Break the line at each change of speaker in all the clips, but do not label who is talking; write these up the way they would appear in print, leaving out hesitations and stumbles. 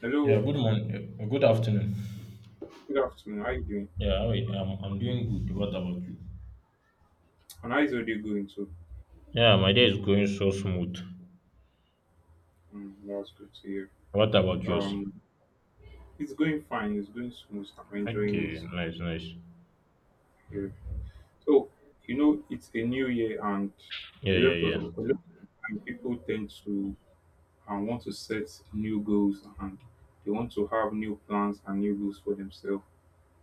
Hello,
Yeah, good morning. Good afternoon.
good afternoon. How you doing?
Yeah, you? I'm doing good. What about you?
And how is your day going too?
Yeah, my day is going so smooth.
Mm, that's good to hear.
What about yours?
Um, it's going fine. It's going smooth. I'm enjoying
Okay,
it
nice, nice.
here. So you know, it's a new year, and a
Yeah, yeah,
lot of
yeah.
a lot of time people tend to and want to set new goals, and they want to have new plans and new goals for themselves.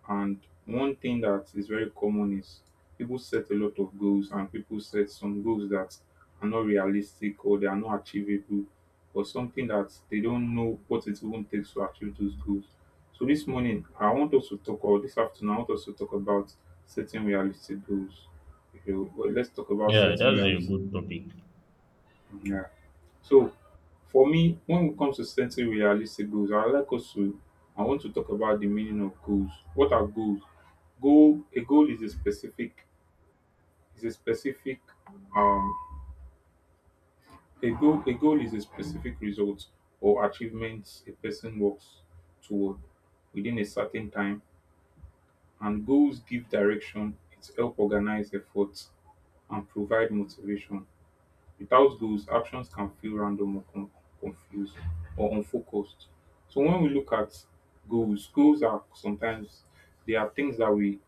And one thing that is very common is people set a lot of goals and people set some goals that are not realistic or they are not achievable or something that they don't know what it even takes to achieve those goals. So this morning I want us to talk or this afternoon I want us to talk about setting realistic goals. You know, but let's talk about
Yeah,
setting
that's a
realistic
good topic.
so for me, when it comes to setting realistic goals, I like us to I want to talk about the meaning of goals. What are goals? Goal a goal is a specific is a specific um a goal is a specific result or achievements a person works toward within a certain time, and goals give direction, it help organize efforts and provide motivation. Without goals, actions can feel random or confused or unfocused. So when we look at goals, goals are sometimes they are things that we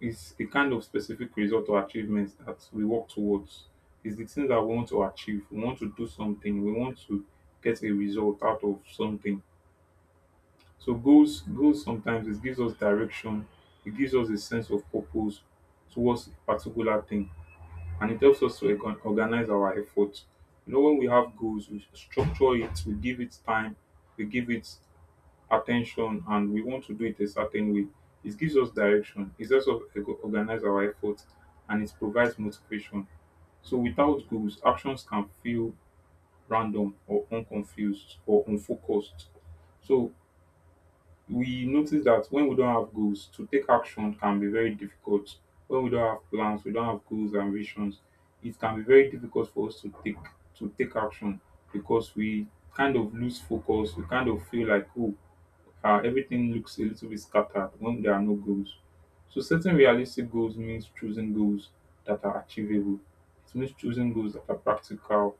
is a kind of specific result or achievements that we work towards. It's the things that we want to achieve. We want to do something. We want to get a result out of something. So goals, goals sometimes it gives us direction. It gives us a sense of purpose towards a particular thing. And it helps us to organize our effort. You know, when we have goals, we structure it, we give it time, we give it attention, and we want to do it a certain way. It gives us direction, it helps us organize our effort, and it provides motivation. So, without goals, actions can feel random or unconfused or unfocused. So, we notice that when we don't have goals, to take action can be very difficult. When we don't have plans, we don't have goals and visions, it can be very difficult for us to take action because we kind of lose focus. We kind of feel like, oh, everything looks a little bit scattered when there are no goals. So setting realistic goals means choosing goals that are achievable. It means choosing goals that are practical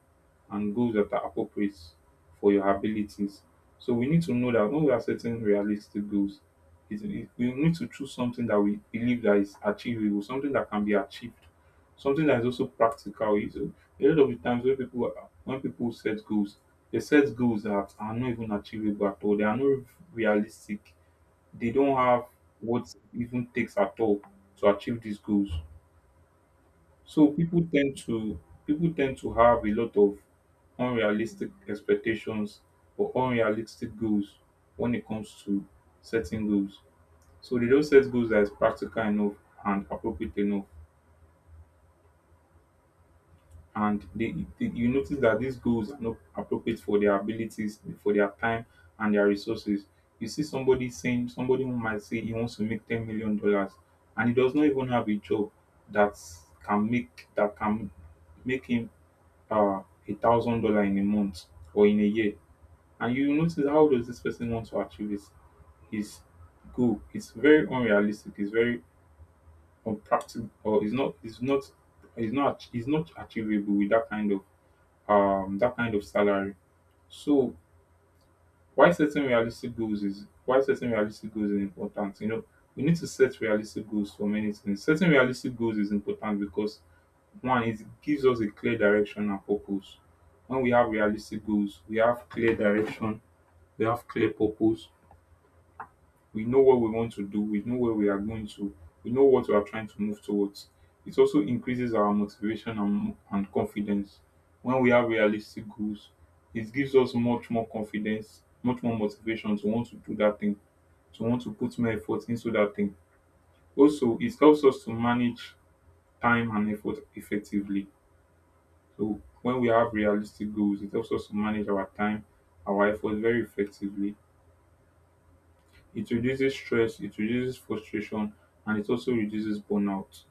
and goals that are appropriate for your abilities. So we need to know that when we are setting realistic goals, we need to choose something that we believe that is achievable, something that can be achieved, something that is also practical. You see, a lot of the times when when people set goals, they set goals that are not even achievable at all. They are not realistic. They don't have what it even takes at all to achieve these goals. So people tend to have a lot of unrealistic expectations or unrealistic goals when it comes to setting goals. So they don't set goals that is practical enough and appropriate enough. And you notice that these goals are not appropriate for their abilities, for their time and their resources. You see somebody who might say he wants to make $10 million and he does not even have a job that that can make him uh $1,000 in a month or in a year. And you notice how does this person want to achieve his goal? It's very unrealistic, it's very unpractical or it's not it's not achievable with that kind of salary. So why setting realistic goals is important. You know, we need to set realistic goals for many things. Setting realistic goals is important because one, it gives us a clear direction and purpose. When we have realistic goals, we have clear direction, we have clear purpose, we know what we want to do. We know where we are going to. We know what we are trying to move towards. It also increases our motivation and confidence. When we have realistic goals, it gives us much more confidence, much more motivation to want to do that thing, to want to put more effort into that thing. Also, it helps us to manage time and effort effectively. So, when we have realistic goals, it helps us to manage our time, our effort very effectively. It reduces stress, it reduces frustration, and it also reduces burnout.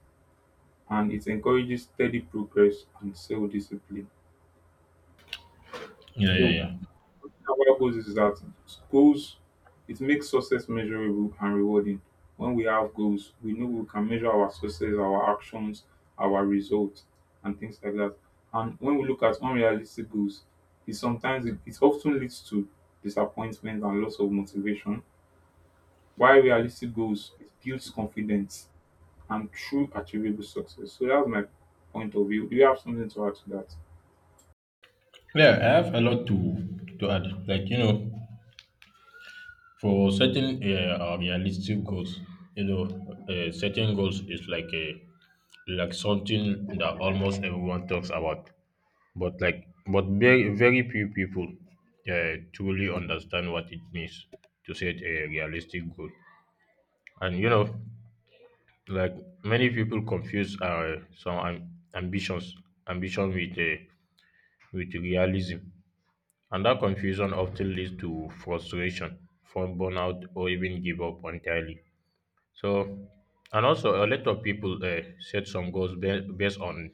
And it encourages steady progress and self discipline.
Yeah, yeah,
So,
yeah.
our goals is that goals, it makes success measurable and rewarding. When we have goals, we know we can measure our success, our actions, our results, and things like that. And when we look at unrealistic goals, it often leads to disappointment and loss of motivation. While realistic goals, it builds confidence and true achievable success. So that's my point of view. Do you have something to add to that?
Yeah, I have a lot to add. Like you know, for certain realistic goals, you know, setting goals is like a like something that almost everyone talks about. But like, but very, very few people truly understand what it means to set a realistic goal. And you know, like many people confuse ambitions, ambition with realism, and that confusion often leads to frustration, from burnout, or even give up entirely. So, and also a lot of people set some goals based on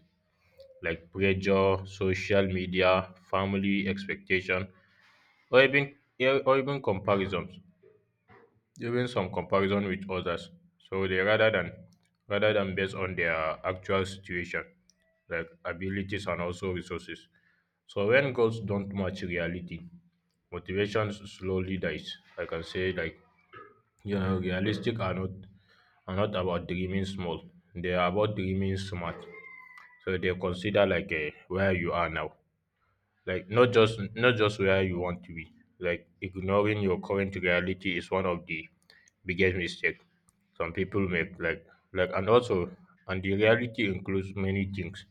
like pressure, social media, family expectation, or even yeah, or even comparisons, even some comparison with others. So they rather than based on their actual situation, like abilities and also resources. So when goals don't match reality, motivation slowly dies. I can say like you know, realistic are not about dreaming small. They are about dreaming smart. So they consider like where you are now. Like not just where you want to be. Like ignoring your current reality is one of the biggest mistake some people make. Like and also and the reality includes many things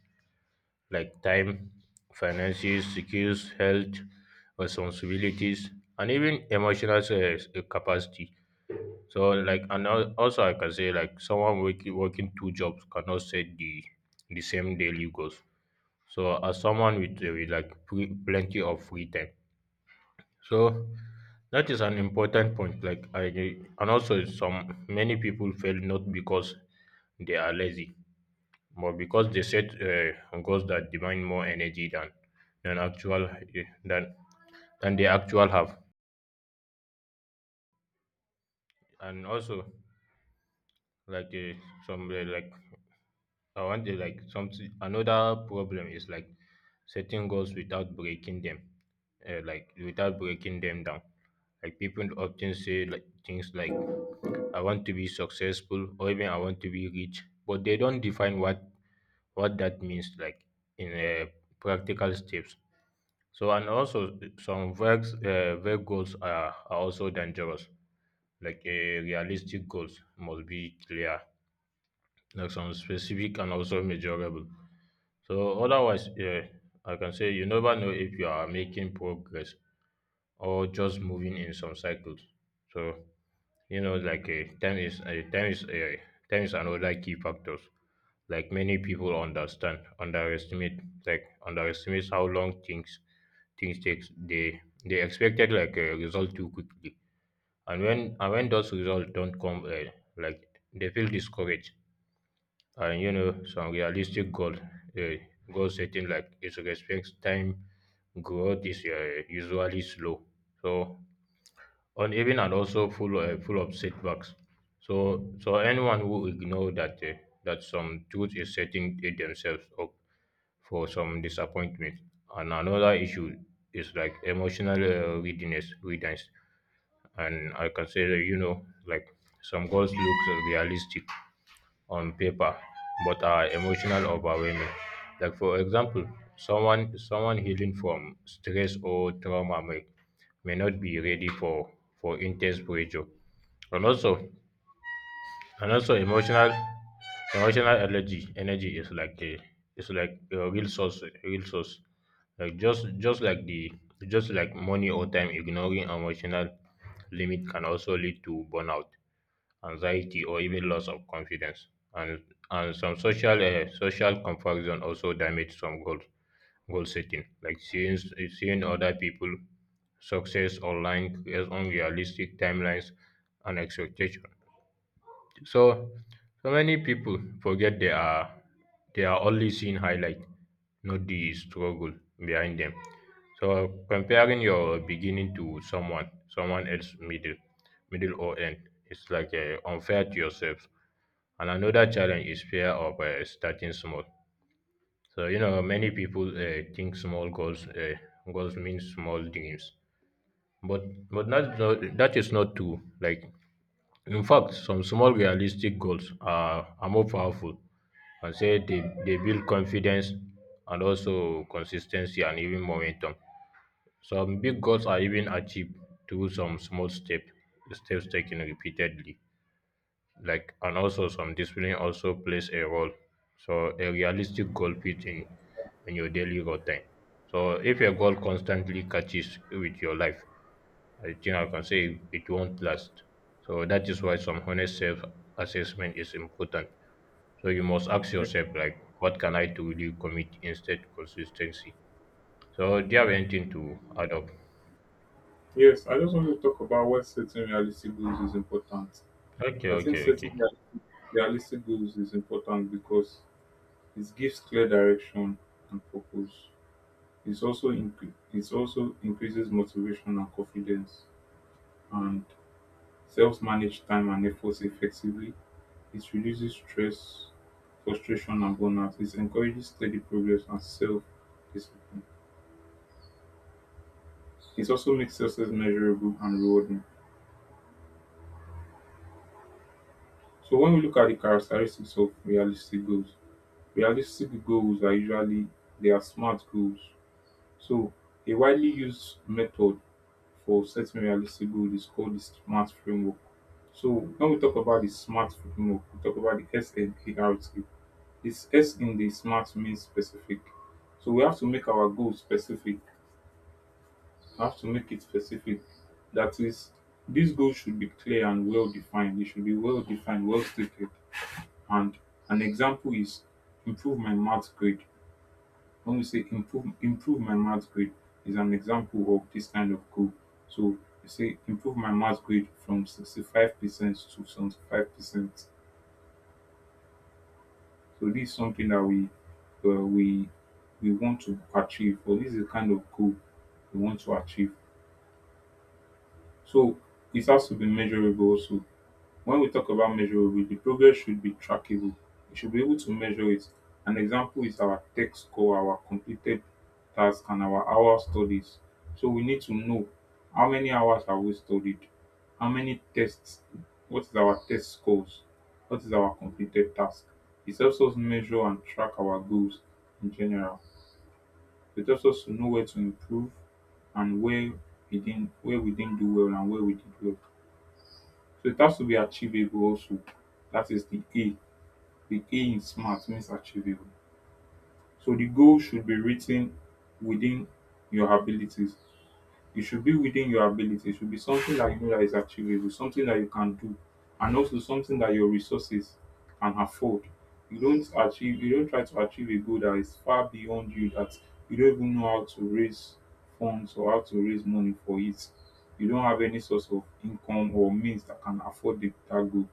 like time, finances, skills, health, responsibilities, and even emotional capacity. So like and also I can say like someone working two jobs cannot set the same daily goals so as someone with like plenty of free time. So that is an important point. Like I and also some many people fail not because they are lazy, but because they set goals that demand more energy than than actual eh, than than they actual have. And also like some like I want to like something. Another problem is like setting goals without breaking them, like without breaking them down. Like people often say like things like, "I want to be successful" or even "I want to be rich," but they don't define what that means like in practical steps. So and also some vague vague goals are also dangerous. Like realistic goals must be clear, like some specific and also measurable. So otherwise, yeah, I can say you never know if you are making progress or just moving in some cycles. So you know, like time is another key factors. Like many people underestimate, like underestimates how long things takes. They expected like a result too quickly, and when those results don't come, like they feel discouraged. And you know some realistic goal setting, like it respects time. Growth is usually slow, so uneven and also full of setbacks. So so anyone who ignore that some truth is setting it themselves up for some disappointment. And another issue is like emotional readiness. And I consider you know like some goals look realistic on paper but are emotional overwhelming. Like for example, someone healing from stress or trauma may not be ready for intense pressure. And also and also emotional energy is like a it's like a real source real source. Like just like the just like money or time, ignoring emotional limit can also lead to burnout, anxiety, or even loss of confidence. And and some social social comparison also damage some goal setting, like seeing other people success online creates unrealistic timelines and expectations. So, so many people forget they are only seeing highlight, not the struggle behind them. So comparing your beginning to someone, someone else middle, middle or end, it's like unfair to yourself. And another challenge is fear of starting small. So you know, many people think small goals goals mean small dreams, but that is not true. Like in fact, some small realistic goals are more powerful, and say they build confidence and also consistency and even momentum. Some big goals are even achieved through some small step steps taken repeatedly. Like and also some discipline also plays a role. So a realistic goal fit in your daily routine. So if a goal constantly catches with your life, I think I can say it won't last. So that is why some honest self assessment is important. So you must ask
Yeah.
yourself like what can I truly commit instead consistency. So do you have
Yeah.
anything to add up?
Yes, I just want to talk about why setting realistic goals is important.
Okay,
I think
okay,
setting
okay.
realistic goals is important because it gives clear direction and purpose. It's also it also increases motivation and confidence and self manage time and efforts effectively. It reduces stress, frustration and burnout. It encourages steady progress and self discipline. It also makes success measurable and rewarding. So when we look at the characteristics of realistic goals are usually they are smart goals. So a widely used method for setting realistic goals is called the SMART framework. So when we talk about the SMART framework, we talk about the S and A R T. This S in the SMART means specific. So we have to make our goals specific I have to make it specific. That is, this goal should be clear and well defined. It should be well defined, well stated. And an example is improve my maths grade. When we say improve my maths grade is an example of this kind of goal. So you say improve my maths grade from 65% to 75%. So this is something that we uh, we we want to achieve, or this is the kind of goal we want to achieve. So it has to be measurable also. When we talk about measurable, the progress should be trackable. We should be able to measure it. An example is our tech score, our completed task, and our hour studies. So we need to know how many hours have we studied, how many tests, what is our test scores, what is our completed task. It helps us measure and track our goals in general. It helps us to know where to improve and where we didn't do well and where we did well. So it has to be achievable also. That is the A. The A in smart means achievable. So the goal should be written within your abilities. It should be within your ability. It should be something that you know that is achievable, something that you can do, and also something that your resources can afford. You don't try to achieve a goal that is far beyond you that you don't even know how to raise funds or how to raise money for it. You don't have any source of income or means that can afford the, that goal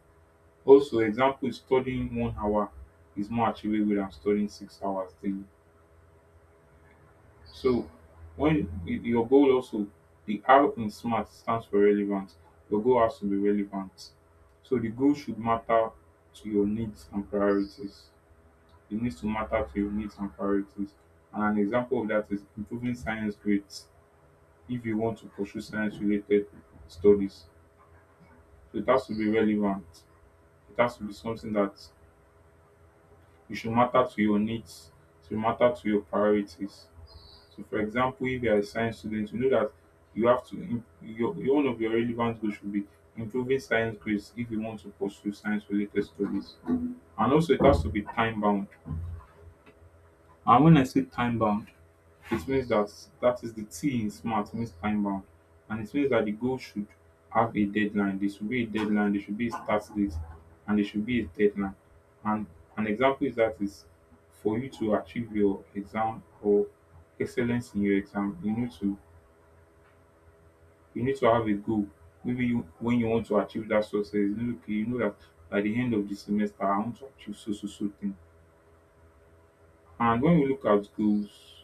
also, example, studying one hour is more achievable than studying six hours daily. So, when your goal also, the R in SMART stands for relevant. Your goal has to be relevant. So, the goal should matter to your needs and priorities. It needs to matter to your needs and priorities. And an example of that is improving science grades if you want to pursue science related studies. So, it has to be relevant. It has to be something that you should matter to your needs, to matter to your priorities. So, for example, if you are a science student, you know that you have to, one of your relevant goals should be improving science grades if you want to pursue science related studies. And also, it has to be time bound. And when I say time bound, it means that that is the T in smart means time bound, and it means that the goal should have a deadline. There should be a deadline. There should be a start date, and there should be a deadline. And an example is that is for you to achieve your exam or excellence in your exam, you need to have a goal. Maybe you, when you want to achieve that success, you know, okay, you know that by the end of the semester, I want to achieve so so so thing. And when we look at goals,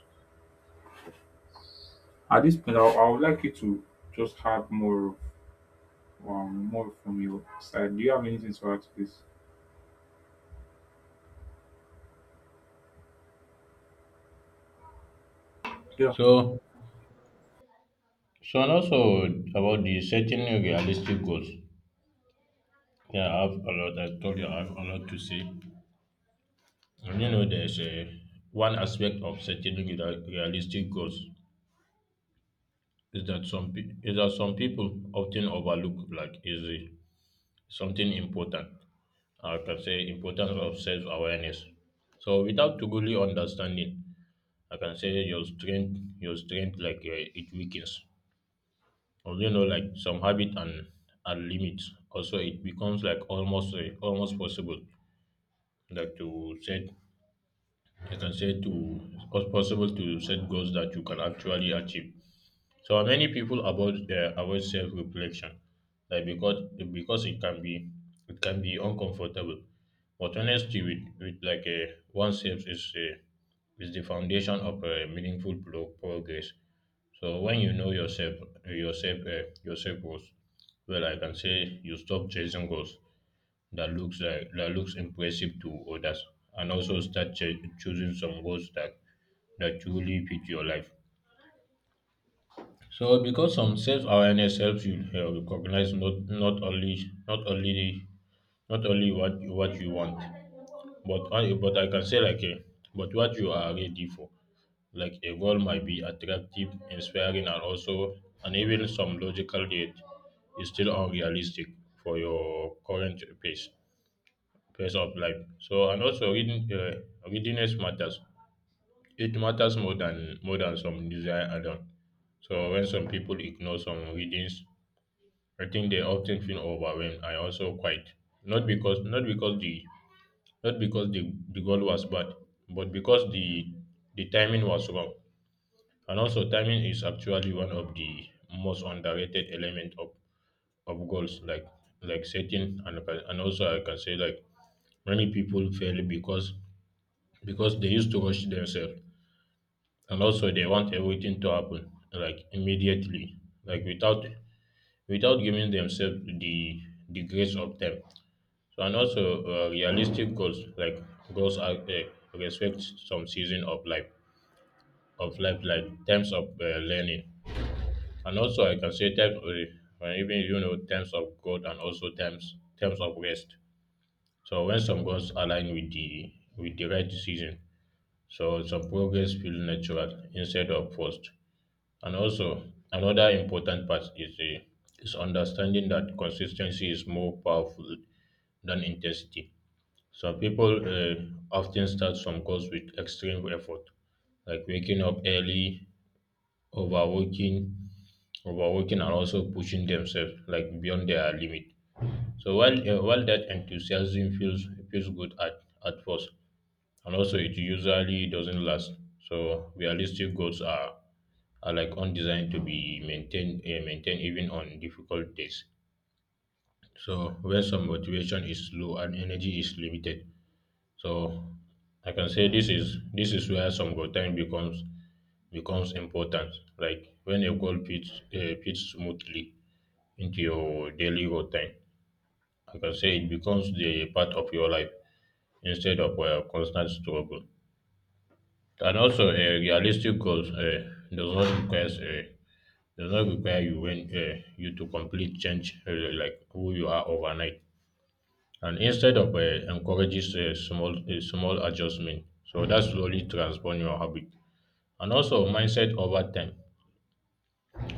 at this point, I would like you to just have more of more from your side. Do you have anything to add to this? Yeah.
So so and also about the setting realistic goals. Yeah, I have a lot. I told you I have a lot to say. And you know there's a one aspect of setting realistic goals is that is that some people often overlook like easy something important. I can say importance of self awareness. So without truly understanding, I can say your strength like it weakens. Or you know, like some habit and limits. Also, it becomes like almost possible like to set. I can say to it's possible to set goals that you can actually achieve. So many people avoid avoid self reflection, like because it can be uncomfortable. But honesty with like a oneself is the foundation of a meaningful progress. So when you know yourself yourself goals, well I can say you stop chasing goals that looks like that looks impressive to others, and also start choosing some goals that truly fit your life. So because some self-awareness helps you recognize not only what you want, but I can say like a, but what you are ready for. Like a goal might be attractive, inspiring, and also and even some logical yet is still unrealistic for your current pace of life. So and also reading readiness matters. It matters more than some desire alone. So when some people ignore some readings, I think they often feel overwhelmed and also quite, not because the, the goal was bad, but because the timing was wrong. And also timing is actually one of the most underrated element of goals, like setting, and also I can say like many people fail because they used to rush themselves, and also they want everything to happen like immediately, like without giving themselves the grace of time. So and also realistic goals like goals are respect some season of life of life, like times of learning and also I can say times even you know times of growth and also times of rest. So when some goals align with the right season, so some progress feel natural instead of forced. And also another important part is understanding that consistency is more powerful than intensity. Some people often start some goals with extreme effort, like waking up early, overworking, overworking, and also pushing themselves like beyond their limit. So while that enthusiasm feels good at first, and also it usually doesn't last. So realistic goals are like undesigned to be maintained even on difficult days. So when some motivation is low and energy is limited, so I can say this is where some go time becomes important, like when a goal fits smoothly into your daily routine. I can say it becomes the part of your life instead of a constant struggle. And also, a realistic goals does not require you when you to complete change like who you are overnight. And instead of encourages small small adjustment, so that slowly transform your habit. And also mindset over time.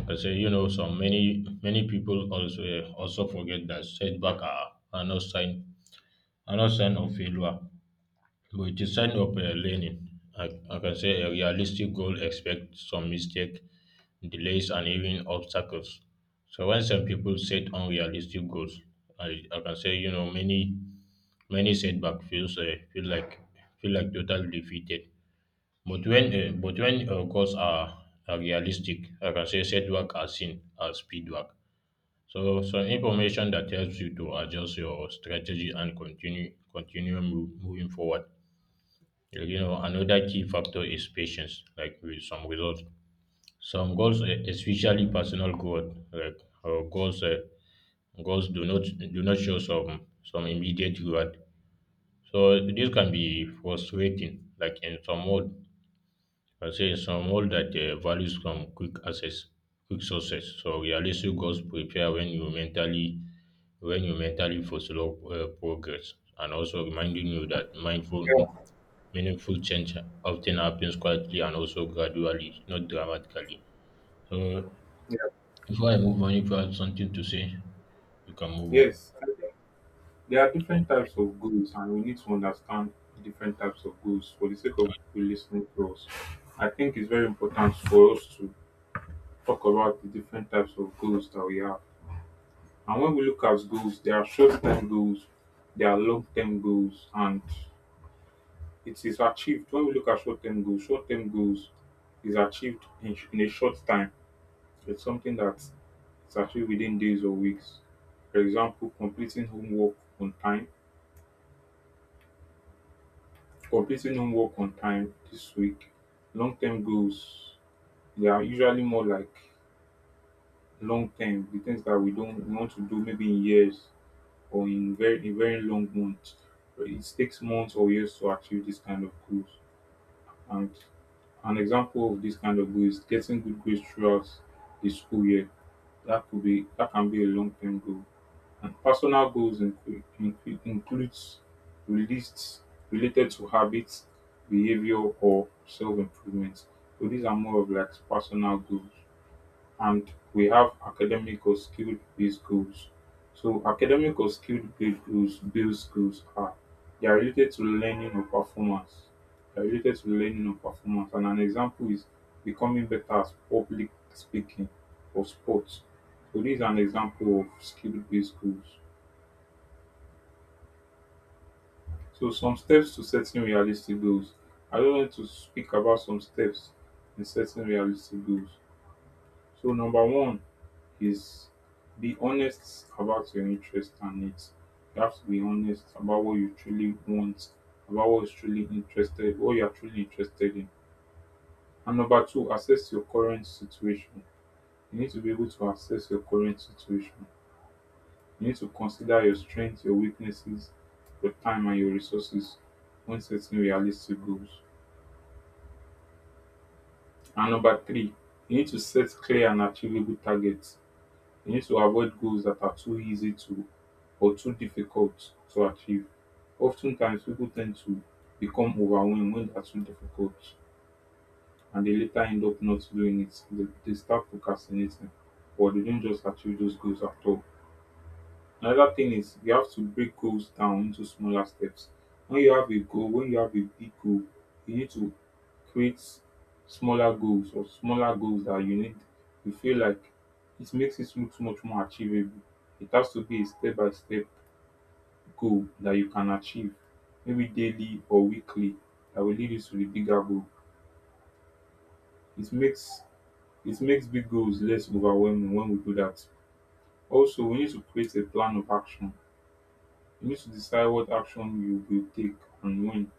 I say you know so many people also forget that setback are, are not sign of failure, but it is sign of learning. I can say a realistic goal expect some mistake, delays, and even obstacles. So when some people set unrealistic goals, I can say you know many setback feels feel like total defeated. But when goals are realistic, I can say setback are seen as feedback. So so information that helps you to adjust your strategy and continue moving forward. Like, you know another key factor is patience. Like with some results, some goals, especially personal growth, like goals goals do not show some immediate reward. So this can be frustrating, like in some world, I say in some world that values from quick access, quick success. So realistic goals prepare when you mentally for slow progress, and also reminding you that mindful,
Yeah.
meaningful change often happens quietly and also gradually, not dramatically. So
yeah.
before I move on, if you have something to say, you can move on.
Yes. I think there are different types of goals, and we need to understand different types of goals for the sake of people listening to us. I think it's very important for us to talk about the different types of goals that we have. And when we look at goals, there are short term goals, there are long term goals, and it is achieved. When we look at short term goals is achieved in a short time. So it's something that it's achieved within days or weeks. For example, completing homework on time. Completing homework on time this week. Long term goals, they are usually more like long term, the things that we don't we want to do maybe in years or in very long months. But it takes months or years to achieve this kind of goals. And an example of this kind of goal is getting good grades throughout the school year. That could be that can be a long term goal. And personal goals include, includes released related to habits, behavior, or self improvement. So these are more of like personal goals and we have academic or skill based goals. So academic or skill based goals are they are related to learning or performance. They are related to learning or performance. And an example is becoming better at public speaking or sports. So this is an example of skill based goals. So some steps to setting realistic goals. I don't want to speak about some steps in setting realistic goals. So number one is be honest about your interests and needs. You have to be honest about what you truly want, about what is truly interested, what you are truly interested in. And number two, assess your current situation. You need to be able to assess your current situation. You need to consider your strengths, your weaknesses, your time and your resources when setting realistic goals. And number three, you need to set clear and achievable targets. You need to avoid goals that are too easy to or too difficult to achieve. Oftentimes, people tend to become overwhelmed when they're too difficult and they later end up not doing it. They start procrastinating or they don't just achieve those goals at all. Another thing is you have to break goals down into smaller steps. When you have a goal, when you have a big goal, you need to create smaller goals or smaller goals that you need. You feel like it makes it look much more achievable. It has to be a step by step goal that you can achieve, maybe daily or weekly, that will lead you to the bigger goal. It makes it makes big goals less overwhelming when we do that. Also, we need to create a plan of action. You need to decide what action you will take and when.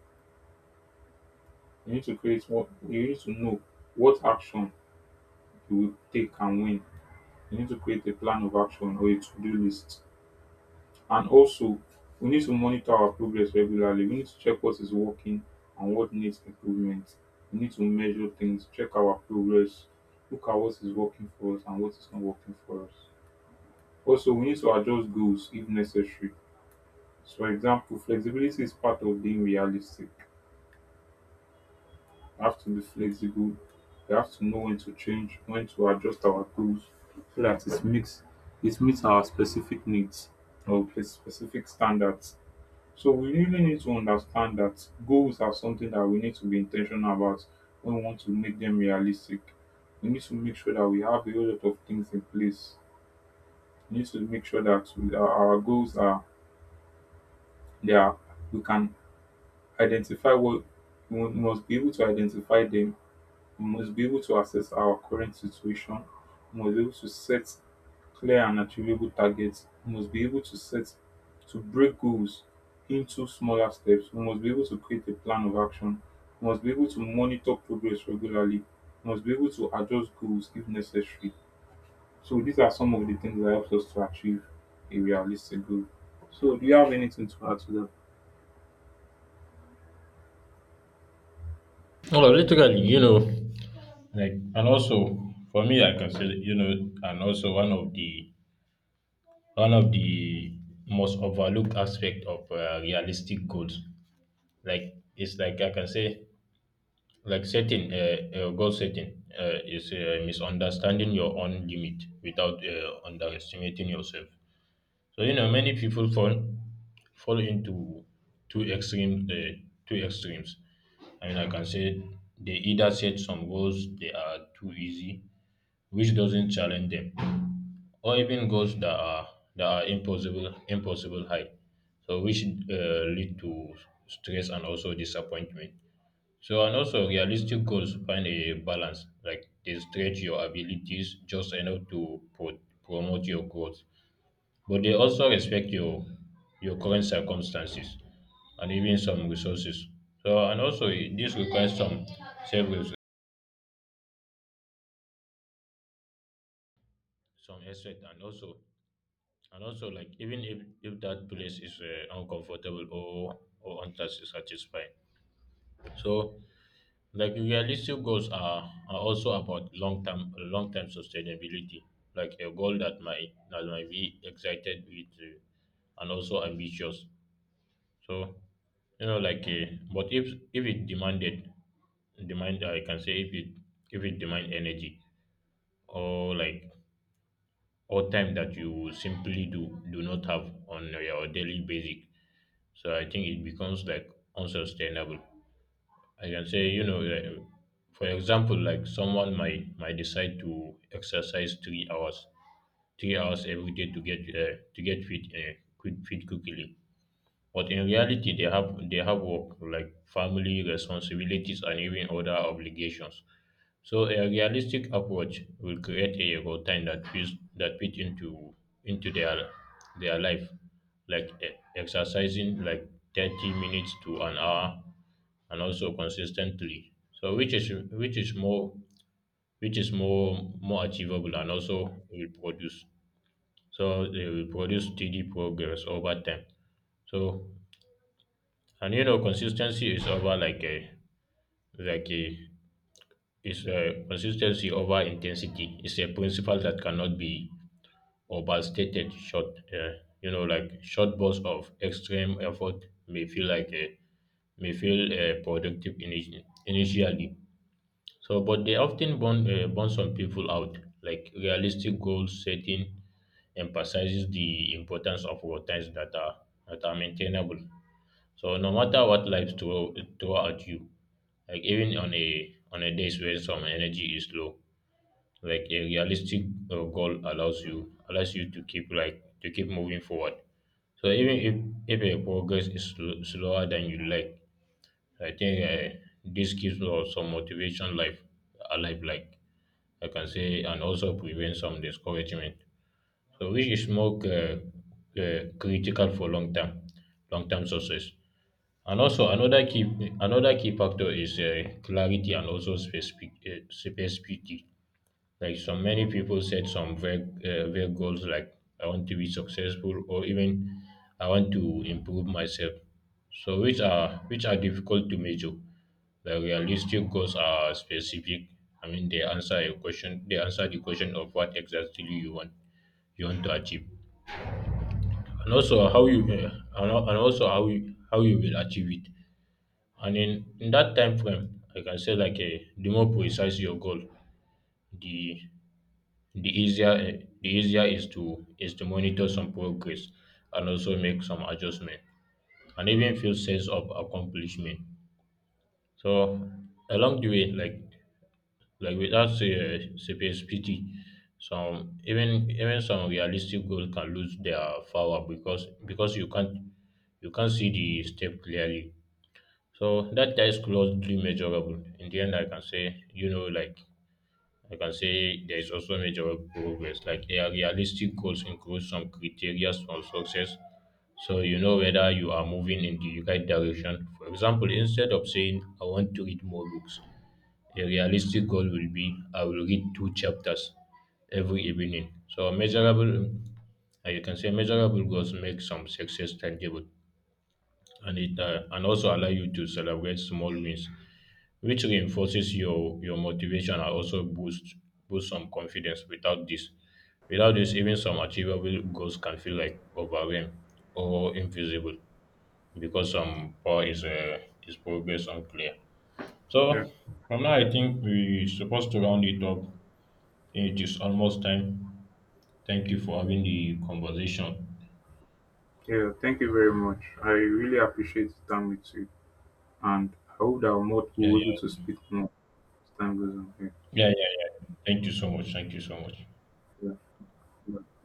You need to create what you need to know what action you will take and when. You need to create a plan of action or a to-do list. And also we need to monitor our progress regularly. We need to check what is working and what needs improvement. We need to measure things, check our progress, look at what is working for us and what is not working for us. Also, we need to adjust goals if necessary. So, for example, flexibility is part of being realistic. I have to be flexible. We have to know when to change, when to adjust our goals so that it makes it meets our specific needs or specific standards. So we really need to understand that goals are something that we need to be intentional about when we want to make them realistic. We need to make sure that we have a whole lot of things in place. We need to make sure that we, our goals are there. We can identify what we must be able to identify them. We must be able to assess our current situation. We must be able to set clear and achievable targets. We must be able to set to break goals into smaller steps. We must be able to create a plan of action. We must be able to monitor progress regularly. We must be able to adjust goals if necessary. So these are some of the things that helps us to achieve a realistic goal. So do you have anything to add to that?
Oh, literally, you know. Like and also for me I can say that, you know and also one of the most overlooked aspect of realistic goals like it's like I can say like setting goal setting is misunderstanding your own limit without underestimating yourself. So you know many people fall into two extremes two extremes. I mean I can say they either set some goals they are too easy which doesn't challenge them, or even goals that are impossible high. So which lead to stress and also disappointment. So and also realistic goals find a balance, like they stretch your abilities just enough to promote your growth, but they also respect your current circumstances and even some resources. So and also this requires some self some effort and also and also, like, even if that place is uncomfortable or unsatisfying, so like realistic goals are also about long term sustainability. Like a goal that might be excited with and also ambitious. So you know, like, but if if it demanded I can say if it demand energy or like or time that you simply do not have on your daily basic. So I think it becomes like unsustainable. I can say, you know, like, for example, like someone might decide to exercise 3 hours, 3 hours every day to get fit, quit fit quickly. But in reality, they have work like family responsibilities and even other obligations. So a realistic approach will create a routine that fit into into their their life, like exercising like 30 minutes to an hour, and also consistently. So which is more more achievable and also will produce. So they will produce steady progress over time. So and you know, consistency is over like a is a consistency over intensity. It's a principle that cannot be overstated. Short, uh, you know, like short bursts of extreme effort may feel like a may feel productive initially. So, but they often burn some people out. Like realistic goal setting emphasizes the importance of routines that are maintainable. So, no matter what life throw at you, like even on a days where some energy is low, like a realistic goal allows you to keep like to keep moving forward. So even if your progress is slower than you like, I think this keeps us some motivation life alive, like I can say, and also prevent some discouragement. So which is more critical for long term success. And also another key factor is clarity and also specificity. Like so many people set some vague goals like I want to be successful or even I want to improve myself. So which are difficult to measure. The realistic goals are specific. I mean they answer the question of what exactly you want to achieve. And also how you and al- and also how you will achieve it. And in that time frame, I can say like the more precise your goal, the the easier is to monitor some progress and also make some adjustment and even feel sense of accomplishment, so along the way, like without specificity some even some realistic goals can lose their power because you can't see the step clearly. So that is close to measurable in the end. I can say, you know, like, I can say there is also measurable progress. Like a realistic goals include some criteria for success. So you know whether you are moving in the right direction. For example, instead of saying I want to read more books, a realistic goal will be I will read two chapters every evening. So measurable you can say measurable goals make some success tangible and it and also allow you to celebrate small wins, which reinforces your motivation and also boosts boost some confidence. Without this without this even some achievable goals can feel like overwhelmed or invisible, because some power is progress unclear.
Yeah,
So from now I think we supposed to round it up. It is almost time. Thank you for having the conversation.
yeah. Thank you very much. I really appreciate the time with you. And I hope that Mod will not be
Yeah,
able to
yeah,
speak more as time goes on.
yeah, yeah, yeah, thank you so much, thank you so much.
Yeah. Yeah.